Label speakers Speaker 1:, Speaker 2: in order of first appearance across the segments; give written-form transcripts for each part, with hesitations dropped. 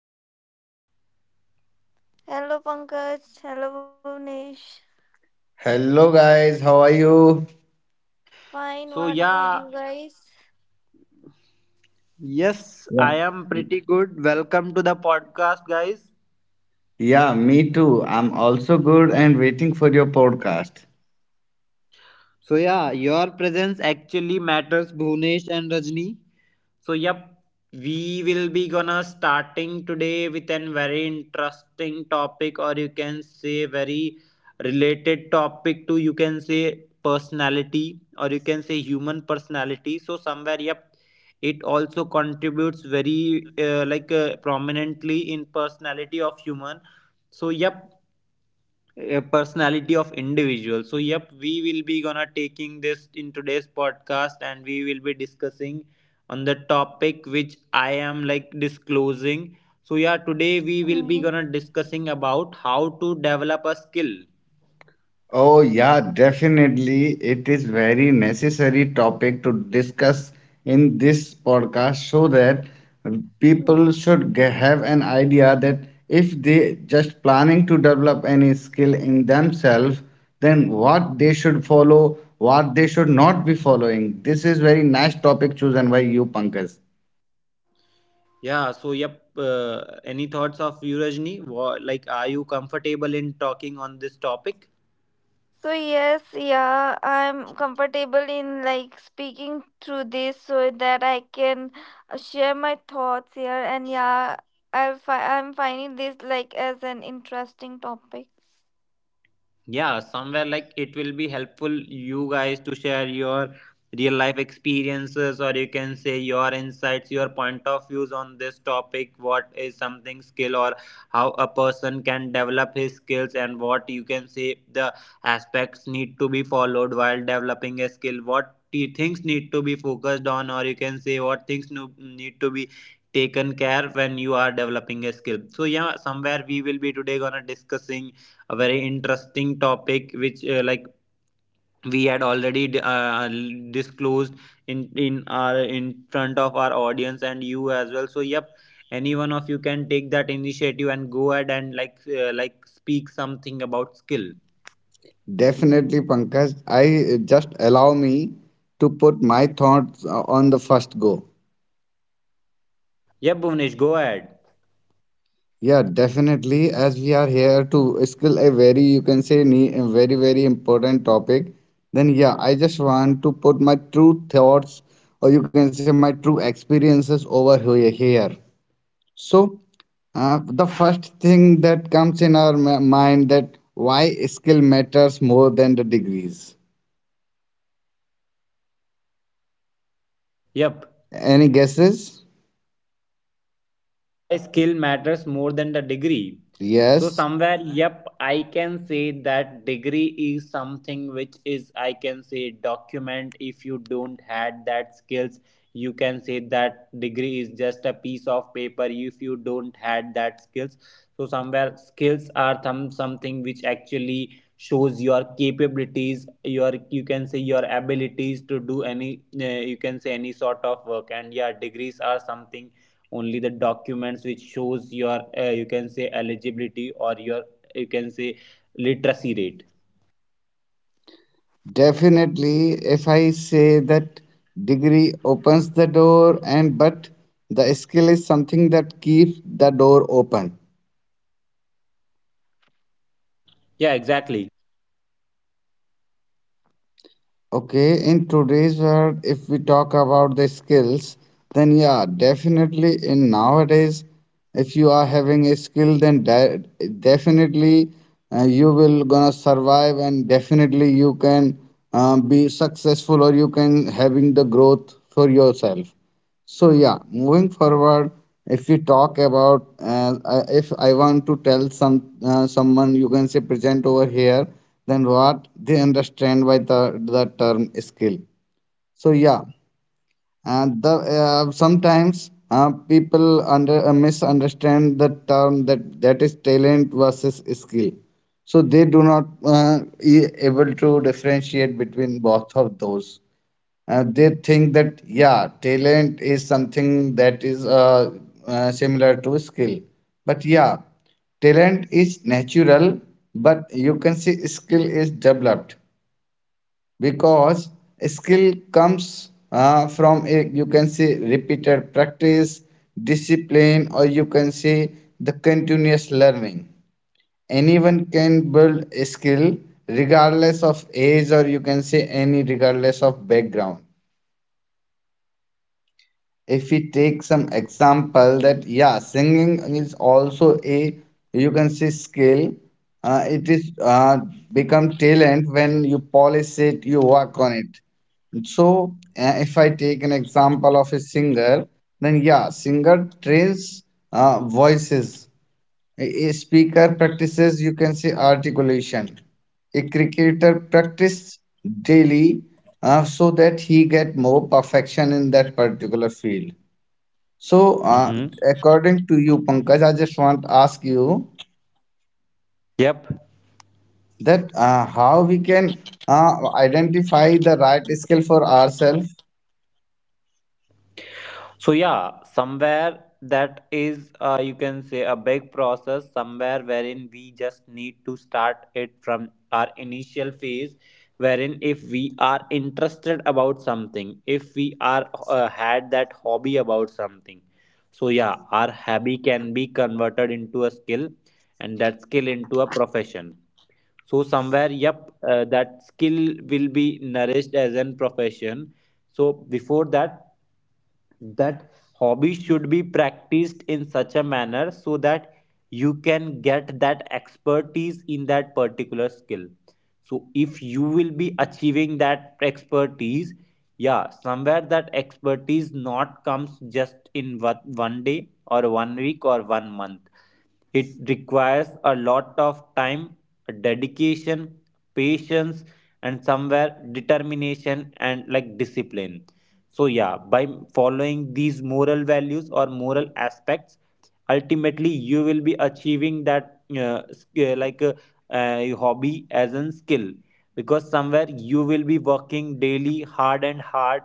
Speaker 1: Hello Rajni.
Speaker 2: Hello Pankaj, hello Bhuvnesh.
Speaker 3: Hello guys, how are you?
Speaker 2: Fine,
Speaker 1: So
Speaker 2: what about
Speaker 1: yeah,
Speaker 2: you guys?
Speaker 1: yes,
Speaker 3: Yeah.
Speaker 1: I am pretty good. Welcome to the podcast, guys.
Speaker 3: Yeah, me too. I'm also good and waiting for your podcast.
Speaker 1: So yeah, your presence actually matters, Bhunesh and Rajni. So yep, we will be gonna starting today with a very interesting topic, or you can say very related topic to, you can say, personality, or you can say human personality. So somewhere yep, it also contributes very prominently in personality of human. So yep, a personality of individual. So yep, we will be gonna taking this in today's podcast and we will be discussing on the topic which I am like disclosing. So yeah, today we will be
Speaker 2: Mhm.
Speaker 1: gonna discussing about how to develop a skill.
Speaker 3: Oh yeah, definitely. It is very necessary topic to discuss in this podcast so that people should have an idea that if they just planning to develop any skill in themselves, then what they should follow, what they should not be following. This is very nice topic chosen by you, Pankaj.
Speaker 1: Yeah, so yep, any thoughts of you, Rajni? Like, are you comfortable in talking on this topic?
Speaker 2: So yes, yeah, I'm comfortable in like speaking through this so that I can share my thoughts here and yeah, I'm finding this like as an interesting topic.
Speaker 1: Yeah, somewhere like it will be helpful you guys to share your real life experiences, or you can say your insights, your point of views on this topic. What is something skill, or how a person can develop his skills, and what you can say the aspects need to be followed while developing a skill, what things need to be focused on, or you can say what things need to be taken care when you are developing a skill. So yeah, somewhere we will be today gonna discussing a very interesting topic which like we had already disclosed in front of our audience and you as well. So yep, any one of you can take that initiative and go ahead and speak something about skill.
Speaker 3: Definitely, Pankaj. I just allow me to put my thoughts on the first go.
Speaker 1: Yep, Bhuvnesh, go ahead.
Speaker 3: Yeah, definitely. As we are here to skill a very, you can say, a very, very important topic, then yeah, I just want to put my true thoughts or you can say my true experiences over here. So, the first thing that comes in our mind that why skill matters more than the degrees.
Speaker 1: Yep.
Speaker 3: Any guesses?
Speaker 1: Why skill matters more than the degree? So
Speaker 3: Yes.
Speaker 1: somewhere yep, I can say that degree is something which is, I can say, document if you don't had that skills. You can say that degree is just a piece of paper if you don't had that skills. So somewhere skills are some something which actually shows your capabilities, your, you can say, your abilities to do any you can say any sort of work. And yeah, degrees are something only the documents which shows your, you can say, eligibility or your, you can say, literacy rate.
Speaker 3: Definitely, if I say that degree opens the door and but the skill is something that keeps the door open.
Speaker 1: Yeah, exactly.
Speaker 3: Okay, in today's world, if we talk about the skills, then yeah, definitely in nowadays, if you are having a skill, then de definitely you will gonna survive and definitely you can be successful or you can having the growth for yourself. So yeah, moving forward, if we talk about if I want to tell some someone you can say present over here, then what they understand by the term skill. So yeah, the sometimes people under misunderstand the term that is talent versus skill. So they do not able to differentiate between both of those they think that yeah talent is something that is similar to skill, but yeah talent is natural but you can see skill is developed because skill comes from a, you can say, repeated practice, discipline, or you can say the continuous learning. Anyone can build a skill regardless of age or you can say any regardless of background. If we take some example that yeah, singing is also a you can say skill, it is become talent when you polish it, you work on it. So if I take an example of a singer, then yeah, singer trains voices, a speaker practices you can say articulation, a cricketer practice daily, so that he get more perfection in that particular field. So,
Speaker 1: Mm-hmm.
Speaker 3: according to you, Pankaj, I just want to ask you
Speaker 1: Yep.
Speaker 3: that how we can identify the right skill for ourselves?
Speaker 1: So yeah, somewhere that is, you can say a big process somewhere, wherein we just need to start it from our initial phase, wherein if we are interested about something, if we are had that hobby about something. So yeah, our hobby can be converted into a skill, and that skill into a profession. So somewhere yep, that skill will be nourished as an profession. So before that, that hobby should be practiced in such a manner so that you can get that expertise in that particular skill. So if you will be achieving that expertise, yeah, somewhere that expertise not comes just in one day or one week or one month. It requires a lot of time, dedication, patience, and somewhere determination and like discipline. So yeah, by following these moral values or moral aspects, ultimately you will be achieving that hobby as a skill, because somewhere you will be working daily hard and hard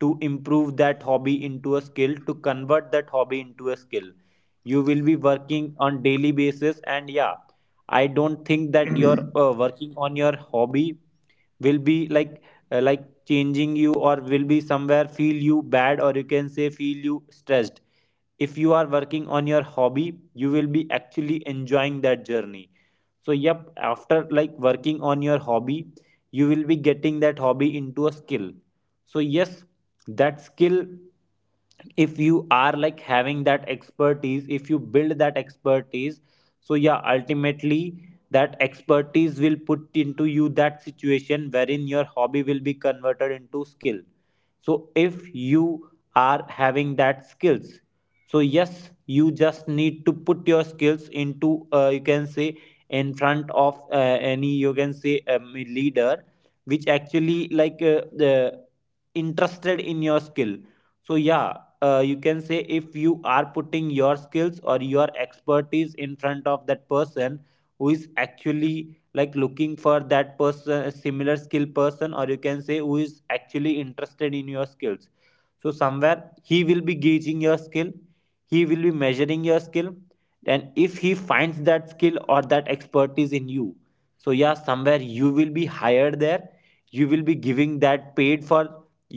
Speaker 1: to improve that hobby into a skill, to convert that hobby into a skill. You will be working on daily basis. And yeah, I don't think that your working on your hobby will be changing you, or will be somewhere feel you bad, or you can say feel you stressed. If you are working on your hobby, you will be actually enjoying that journey. So yep, after like working on your hobby, you will be getting that hobby into a skill. So yes, that skill, if you are like having that expertise, if you build that expertise, so yeah ultimately that expertise will put into you that situation wherein your hobby will be converted into skill. So if you are having that skills, so yes, you just need to put your skills into, you can say, in front of, any, you can say, leader which actually like, the interested in your skill. So yeah, you can say, if you are putting your skills or your expertise in front of that person who is actually like looking for that person similar skill person, or you can say who is actually interested in your skills, so somewhere he will be gauging your skill, he will be measuring your skill. And if he finds that skill or that expertise in you, so yeah, somewhere you will be hired there, you will be giving that paid for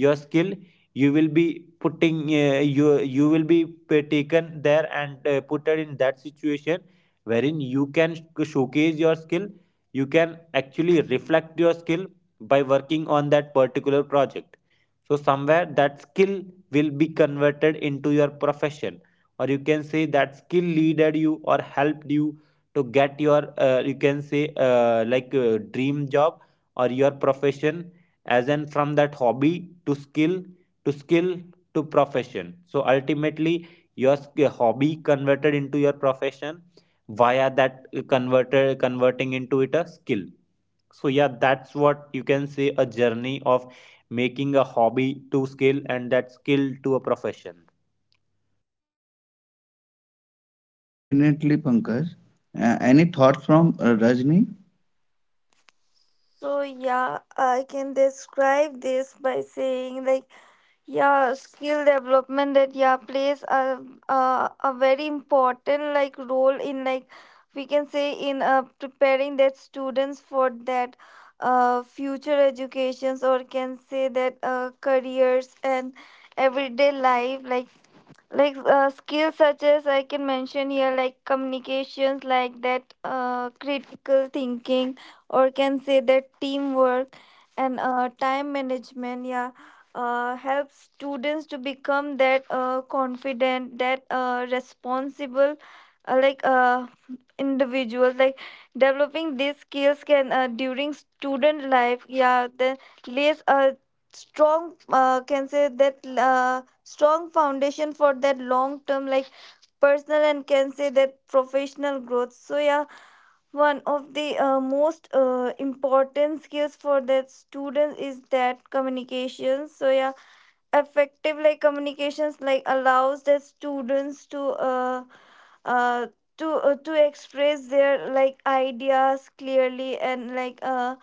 Speaker 1: your skill. You will be putting, uh, you will be taken there and, put it in that situation wherein you can showcase your skill, you can actually reflect your skill by working on that particular project. So somewhere that skill will be converted into your profession, or you can say that skill leaded you or helped you to get your, you can say like dream job or your profession, as in from that hobby to skill, to skill to profession. So ultimately your hobby converted into your profession via that converter, converting into it a skill. So yeah, that's what you can say, a journey of making a hobby to skill and that skill to a profession.
Speaker 3: Definitely, Pankaj. Any thoughts from Rajni?
Speaker 2: So yeah, I can describe this by saying like yeah, skill development that yeah plays a very important like role in like we can say in preparing that students for that future educations or can say that careers and everyday life like skills such as I can mention here like communications, like that critical thinking or can say that teamwork and time management, yeah helps students to become that confident, that responsible uh, like uh, individuals. Like developing these skills can during student life, yeah, then lays a strong can say that strong foundation for that long term like personal and can say that professional growth. So yeah, one of the most important skills for that student is that communication. So yeah, effective like communications like allows the students uh, uh to express their like ideas clearly and like uh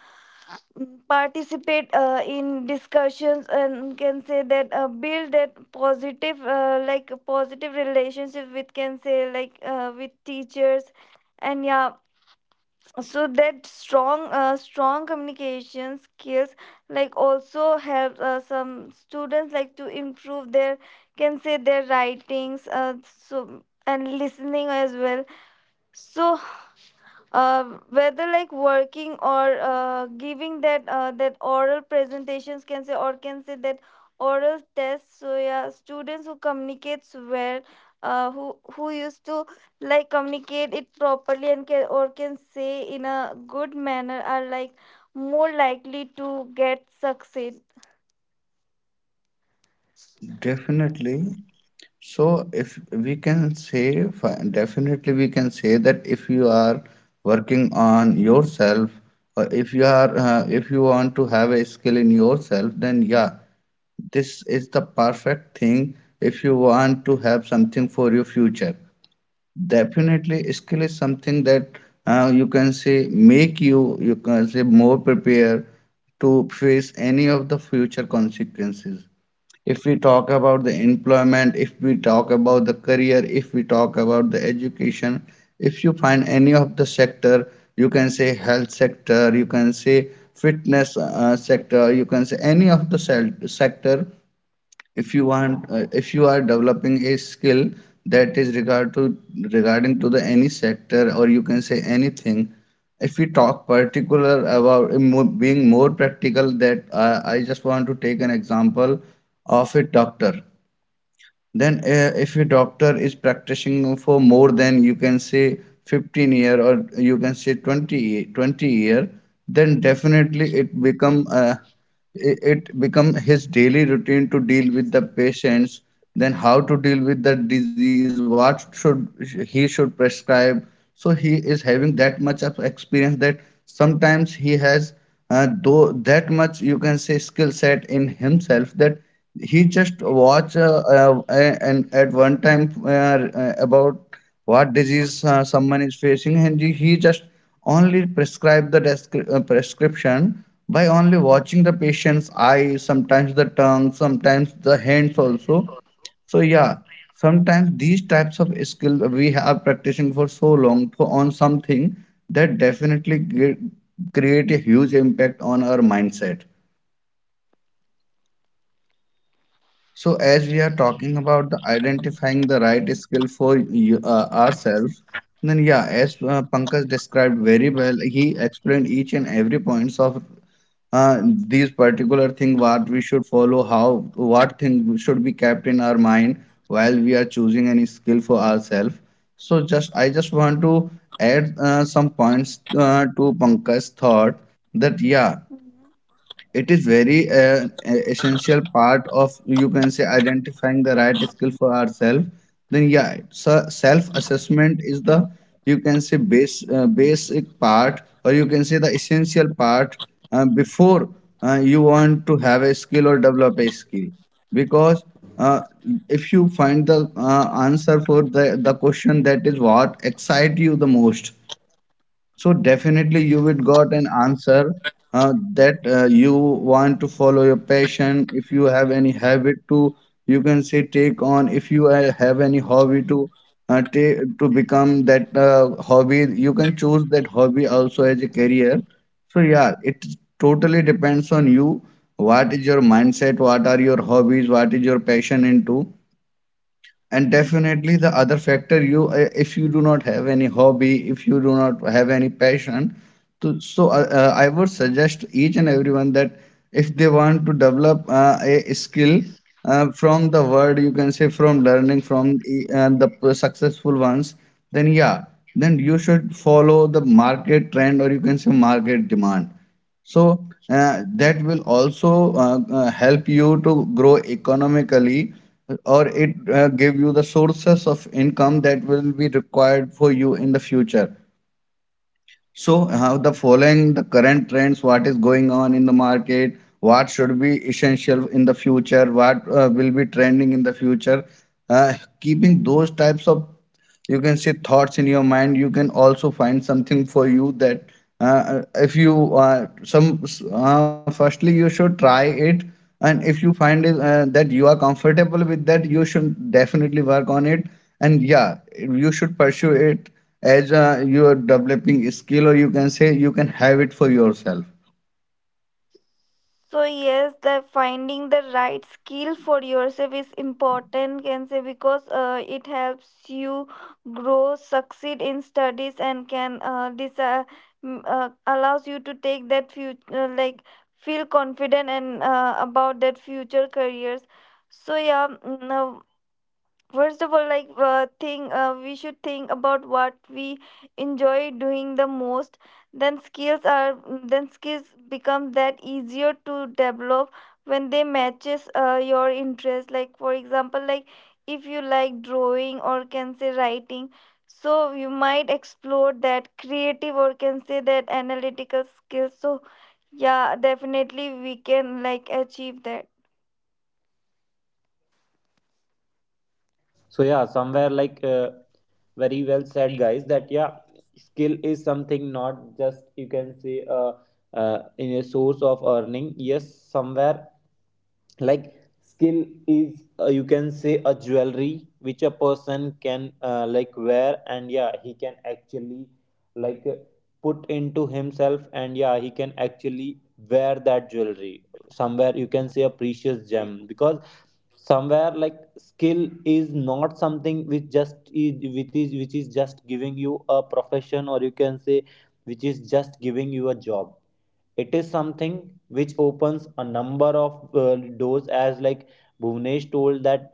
Speaker 2: mm, participate in discussions and can say that build that positive like positive relationship with, can say, like with teachers. And yeah, so that strong communication skills like also help some students like to improve their, can say, their writings so and listening as well. So uh, whether like working or giving that that oral presentations, can say, or can say that oral tests. So yeah, students who communicates well, who used to like communicate it properly and can, or can say, in a good manner are like more likely to get succeed.
Speaker 3: Definitely. So, if we can say, definitely we can say that if you are working on yourself, or if you are, if you want to have a skill in yourself, then yeah, this is the perfect thing if you want to have something for your future. Definitely, skill is something that you can say make you, you can say more prepared to face any of the future consequences. If we talk about the employment, if we talk about the career, if we talk about the education, if you find any of the sector, you can say health sector, you can say fitness sector, you can say any of the sector, if you want if you are developing a skill that is regarding to the any sector or you can say anything. If we talk particular about being more practical, that I just want to take an example of a doctor. Then if your doctor is practicing for more than you can say 15 year or you can say 20 year, then definitely it become it become his daily routine to deal with the patients, then how to deal with the disease, what should he should prescribe. So he is having that much of experience that sometimes he has though that much you can say skill set in himself that he just watch and at one time about what disease someone is facing, and he just only prescribe the prescription by only watching the patient's eye, sometimes the tongue, sometimes the hands also. So yeah, sometimes these types of skill we have practicing for so long for on something that definitely create a huge impact on our mindset. So, as we are talking about the identifying the right skill for you, ourselves, then yeah, as Pankaj described very well, he explained each and every points of uh, these particular thing what we should follow, how what thing should be kept in our mind while we are choosing any skill for ourselves. So, just I just want to add some points to Pankaj's thought that yeah,
Speaker 2: Mhm.
Speaker 3: it is very essential part of you can say identifying the right skill for ourselves. Then yeah, so self-assessment is the you can say base basic part or you can say the essential part before you want to have a skill or develop a skill, because uh, if you find the answer for the question that is what excite you the most, so definitely you would got an answer that you want to follow your passion. If you have any habit to, you can say, take on. If you have any hobby to take to become that hobby, you can choose that hobby also as a career. So yeah, it totally depends on you. What is your mindset? What are your hobbies? What is your passion into? And
Speaker 2: Mhm.
Speaker 3: definitely the other factor you if you do not have any hobby, if you do not have any passion to, so I would suggest each and everyone that if they want to develop a skill from the word you can say from learning from the successful ones, then yeah, then you should follow the market trend or you can say market demand. So that will also help you to grow economically, or it give you the sources of income that will be required for you in the future. So how the following the current trends, what is going on in the market, what should be essential in the future, what will be trending in the future, uh, keeping those types of you can say thoughts in your mind, you can also find something for you that if you some firstly you should try it, and if you find it, that you are comfortable with, that you should definitely work on it, and yeah you should pursue it as you are developing skill or you can say you can have it for yourself.
Speaker 2: So yes, the finding the right skill for yourself is important, can say, because it helps you grow, succeed in studies, and can allows you to take that future like feel confident and about that future careers. So yeah, mm, uh, first of all like think we should think about what we enjoy doing the most. then skills are then skills become that easier to develop when they matches your interest. Like for example, like if you like drawing or can say writing, so you might explore that creative or can say that analytical skills. So yeah, definitely we can like achieve that.
Speaker 1: So yeah, somewhere very well said guys, that yeah, skill is something not just, you can say, in a source of earning. Yes, somewhere like skill is, you can say, a jewelry which a person can like wear, and yeah he can actually like uh, put into himself, and yeah he can actually wear that jewelry. Somewhere you can say a precious gem, because somewhere like skill is not something which just is, which is just giving you a profession, or you can say which is just giving you a job. It is something which opens a number of, doors, as like Bhuvnesh told that.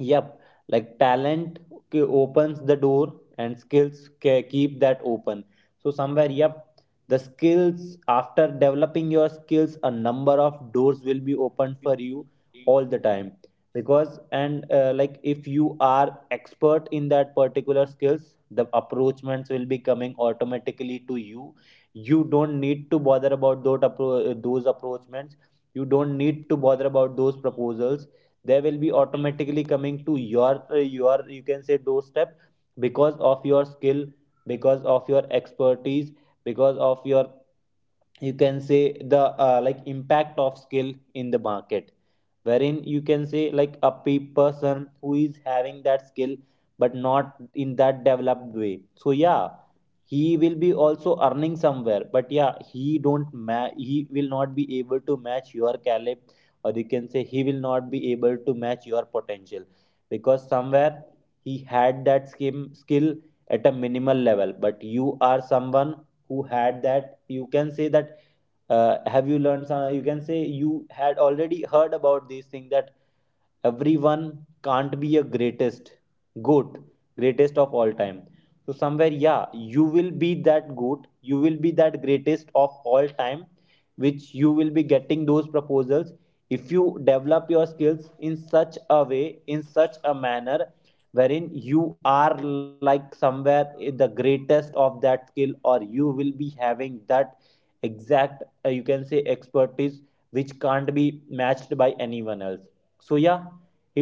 Speaker 1: Yep, like talent opens the door and skills keep that open. So somewhere, yep, the skills, after developing your skills, a number of doors will be opened for you all the time. Because, and like if you are expert in that particular skills, the approachments will be coming automatically to you. You don't need to bother about those those approachments. You don't need to bother about those proposals. They will be automatically coming to your, your, you can say, doorstep, because of your skill, because of your expertise, because of your, you can say, the like impact of skill in the market, wherein you can say like a person who is having that skill but not in that developed way. So yeah, he will be also earning somewhere, but yeah, he don't ma- he will not be able to match your caliber, or you can say he will not be able to match your potential. Because somewhere he had that skill at a minimal level, but you are someone who had that, you can say, that, have you learned some you can say you had already heard about these things, that everyone can't be a greatest goat, greatest of all time. So somewhere yeah, you will be that goat, you will be that greatest of all time, which you will be getting those proposals, if you develop your skills in such a way, in such a manner, wherein you are like somewhere the greatest of that skill, or you will be having that exact, you can say, expertise which can't be matched by anyone else. So yeah,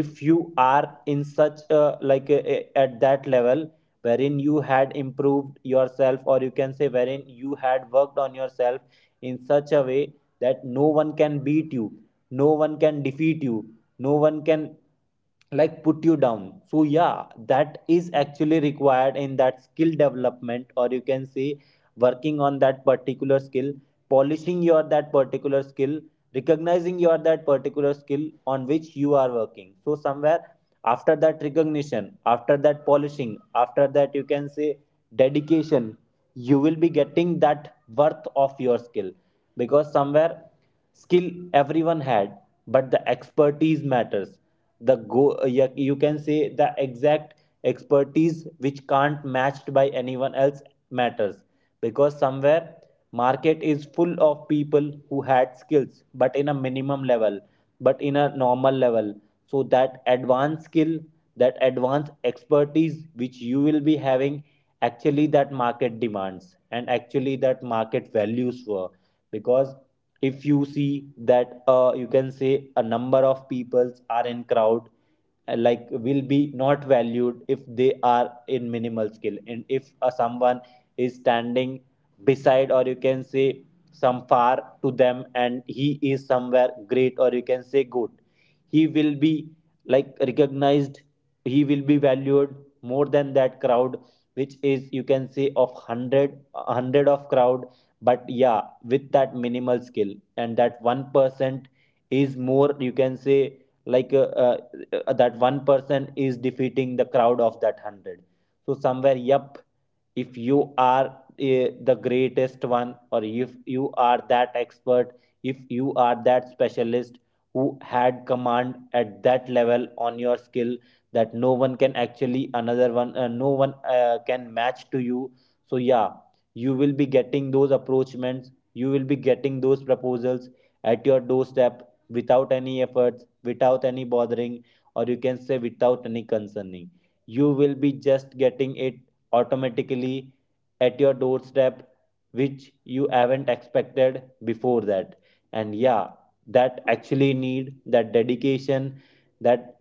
Speaker 1: if you are in such a at that level wherein you had improved yourself, or you can say wherein you had worked on yourself in such a way that no one can beat you, no one can defeat you, no one can like put you down. So yeah, that is actually required in that skill development, or you can say working on that particular skill, polishing your that particular skill, recognizing your that particular skill on which you are working. So somewhere, after that recognition, after that polishing, after that, you can say, dedication, you will be getting that worth of your skill. Because somewhere skill everyone had, but the expertise matters, the go, you can say, the exact expertise which can't matched by anyone else matters. Because somewhere market is full of people who had skills but in a minimum level, but in a normal level. So that advanced skill, that advanced expertise which you will be having, actually that market demands and actually that market values for. Because if you see that, you can say, a number of peoples are in crowd, like will be not valued if they are in minimal skill And if someone is standing beside, or you can say some far to them, and he is somewhere great or you can say good, he will be like recognized, he will be valued more than that crowd, which is you can say of hundred hundred of crowd. But yeah, with that minimal skill and that 1% is more you can say like that 1% is defeating the crowd of that 100. So somewhere, yep, if you are the greatest one, or if you are that expert, if you are that specialist who had command at that level on your skill that no one can actually, another one, no one can match to you. So yeah, you will be getting those approachments, you will be getting those proposals at your doorstep without any efforts, without any bothering, or you can say without any concerning. You will be just getting it automatically at your doorstep, which you haven't expected before that. And yeah, that actually need that dedication, that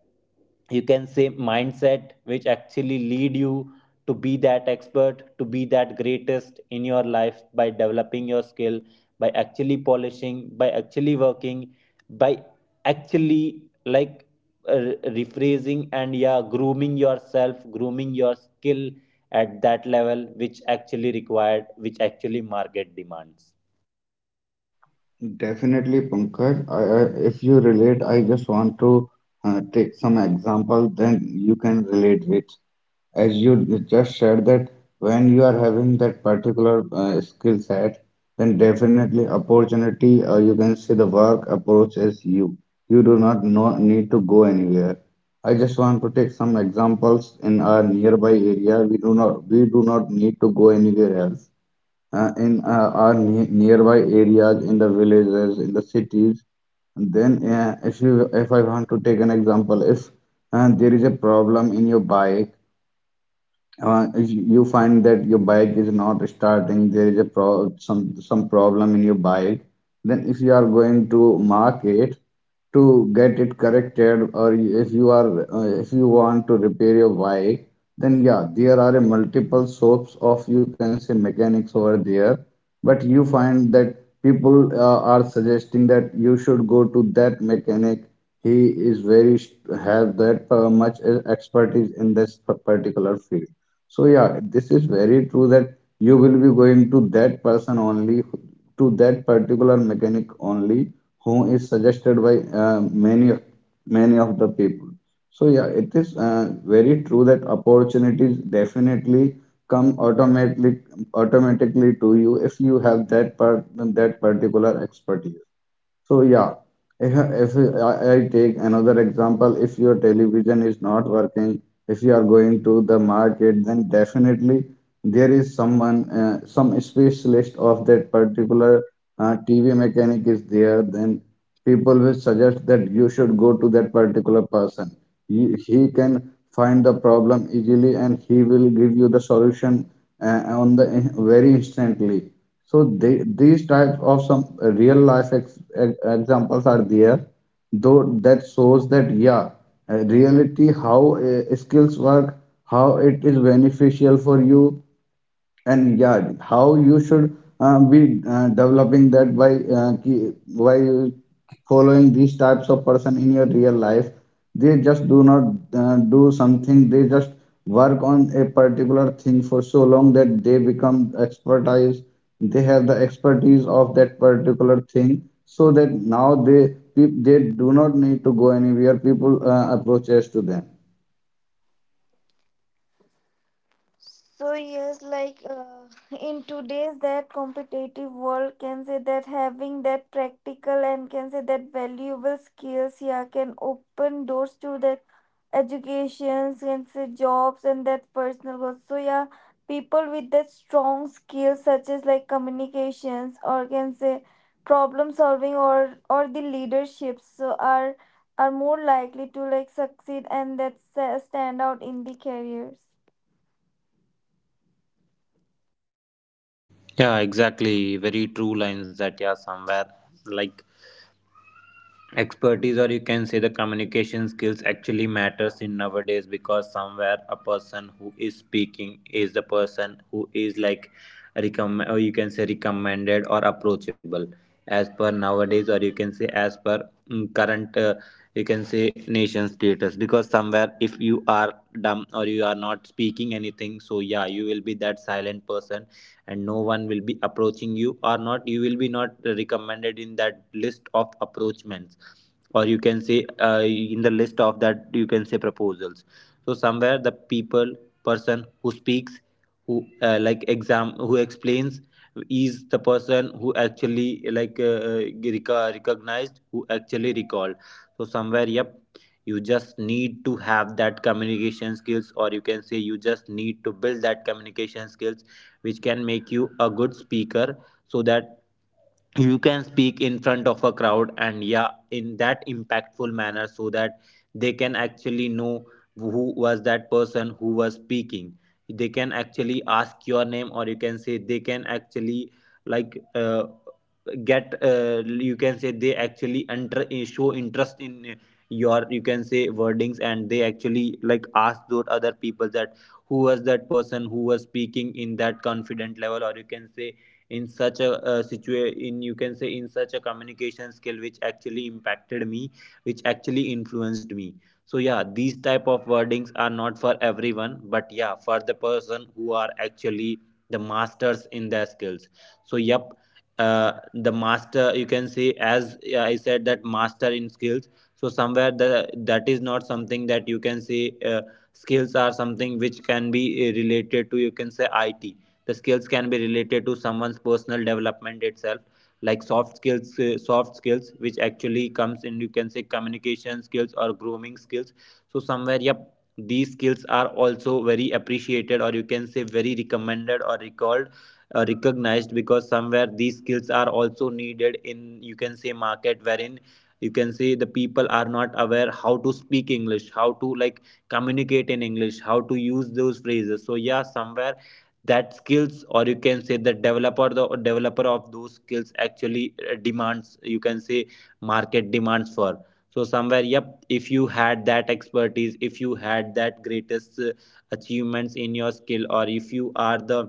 Speaker 1: you can say mindset which actually lead you to be that expert, to be that greatest in your life by developing your skill, by actually polishing, by actually working, by actually like rephrasing and yeah, grooming yourself, grooming your skill at that level which actually required, which actually market demands.
Speaker 3: Definitely, Pankaj. If you relate, I just want to take some example, then you can relate with. As you just said that when you are having that particular skill set, then definitely opportunity, or you can say the work approaches you. You do not know, need to go anywhere. I just want to take some examples in our nearby area. We do not need to go anywhere else in our nearby areas, in the villages, in the cities. Then, if I want to take an example, if there is a problem in your bike, if you find that your bike is not starting, there is a pro some problem in your bike, then if you are going to market to get it corrected, or if you want to repair your bike, then yeah, there are a multiple sources of you can say mechanics over there. But you find that people are suggesting that you should go to that mechanic, he is very have that much expertise in this particular field. So yeah, this is very true that you will be going to that person only, to that particular mechanic only, who is suggested by many of the people. So yeah, it is very true that opportunities definitely come automatically to you if you have that particular expertise. So yeah, if, if I take another example, if your television is not working, if you are going to the market, then definitely there is someone, some specialist of that particular TV mechanic is there. Then people will suggest that you should go to that particular person. He can find the problem easily, and he will give you the solution on the very instantly. So these types of some real life examples are there, though that shows that yeah, reality how skills work, how it is beneficial for you, and yeah how you should be developing that by by following these types of person in your real life. They just do not do something, they just work on a particular thing for so long that they become expertise, they have the expertise of that particular thing, so that now they they do not need to go anywhere, people approaches to them.
Speaker 2: So yes, like in today's that competitive world, can say that having that practical and can say that valuable skills, yeah, can open doors to that educations, can say jobs and that personal growth. So yeah, people with that strong skills such as like communications or can say problem solving or the leadership, so are more likely to like succeed and stand out in the careers.
Speaker 1: Yeah, exactly. Very true lines that, yeah, somewhere like expertise, or you can say the communication skills actually matters in nowadays, because somewhere a person who is speaking is the person who is like recommend, or you can say recommended or approachable as per nowadays, or you can say as per current you can say nation status. Because somewhere if you are dumb or you are not speaking anything, so yeah, you will be that silent person, and no one will be approaching you, or not, you will be not recommended in that list of approachments, or you can say in the list of that you can say proposals. So somewhere the people, person who speaks, who like exam, who explains, is the person who actually like recognized, who actually recalled. So somewhere, yep, you just need to have that communication skills, or you can say you just need to build that communication skills, which can make you a good speaker, so that you can speak in front of a crowd and yeah, in that impactful manner, so that they can actually know who was that person who was speaking. They can actually ask your name, or you can say they can actually like get you can say they actually enter, show interest in your, you can say, wordings, and they actually like ask those other people that who was that person who was speaking in that confident level, or you can say in such a in you can say in such a communication skill which actually impacted me, which actually influenced me. So yeah, these type of wordings are not for everyone, but yeah, for the person who are actually the masters in their skills. So yep, the master, you can say, as yeah, I said that master in skills. So somewhere the, that is not something that you can say, skills are something which can be related to, you can say it, the skills can be related to someone's personal development itself, like soft skills, soft skills which actually comes in, you can say, communication skills or grooming skills. So somewhere, yep, these skills are also very appreciated, or you can say very recommended or recalled, recognized, because somewhere these skills are also needed in, you can say, market, wherein you can say the people are not aware how to speak English, how to like communicate in English, how to use those phrases. So yeah, somewhere that skills, or you can say the developer, the developer of those skills actually demands, you can say market demands for. So somewhere, yep, if you had that expertise, if you had that greatest achievements in your skill, or if you are the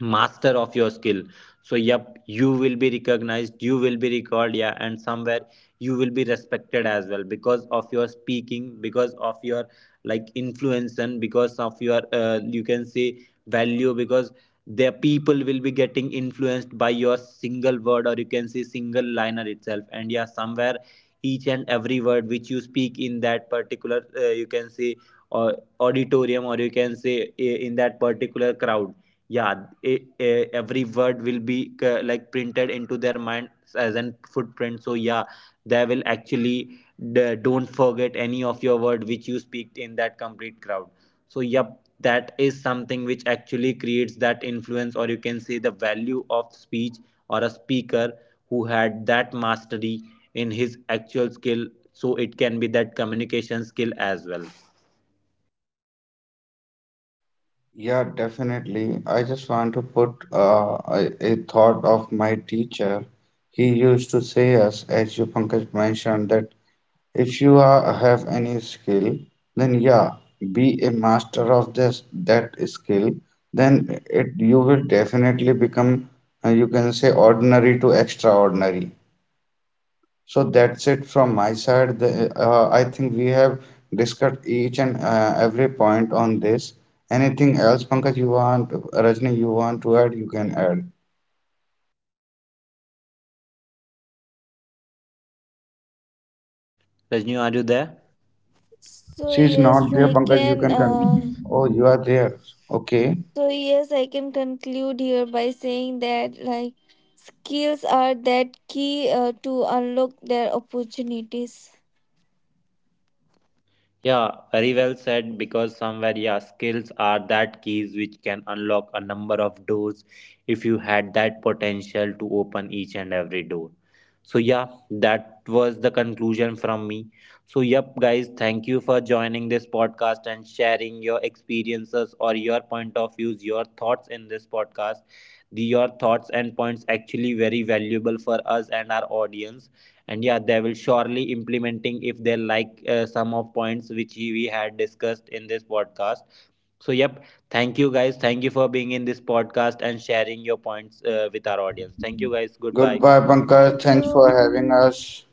Speaker 1: master of your skill, so yep, you will be recognized, you will be recalled, yeah, and somewhere you will be respected as well because of your speaking, because of your like influence, and because of your you can say value, because the people will be getting influenced by your single word, or you can say single liner itself, and yeah, somewhere each and every word which you speak in that particular you can say uh, auditorium, or you can say in that particular crowd, yeah, every word will be like printed into their minds as an footprint. So yeah, they will actually don't forget any of your word which you speak in that complete crowd. So yep, that is something which actually creates that influence, or you can say the value of speech or a speaker who had that mastery in his actual skill. So it can be that communication skill as well.
Speaker 3: Yeah, definitely. I just want to put a thought of my teacher. He used to say us, as you Pankaj mentioned, that if you have any skill, then yeah, be a master of this that skill. Then it you will definitely become, you can say, ordinary to extraordinary. So that's it from my side. I think we have discussed each and every point on this. Anything else, Pankaj, you want, Rajni, you want to add, you can add.
Speaker 1: Rajni, are you there?
Speaker 2: So
Speaker 3: She's
Speaker 2: yes,
Speaker 3: not there,
Speaker 2: I
Speaker 3: Pankaj, you
Speaker 2: can.
Speaker 3: can continue. Oh, you are there. Okay.
Speaker 2: So yes, I can conclude here by saying that like skills are that key to unlock their opportunities.
Speaker 1: Yeah, very well said. Because somewhere, yeah, skills are that keys which can unlock a number of doors if you had that potential to open each and every door. So, yeah, that was the conclusion from me. So, yep, guys, thank you for joining this podcast and sharing your experiences or your point of views, your thoughts in this podcast. The, your thoughts and points actually very valuable for us and our audience, and yeah, they will surely implementing if they like some of points which we had discussed in this podcast. So yep, thank you guys, thank you for being in this podcast and sharing your points with our audience. Thank you guys, goodbye.
Speaker 3: Goodbye, Pankaj.
Speaker 2: Thank
Speaker 3: Thanks for
Speaker 2: you.
Speaker 3: having us.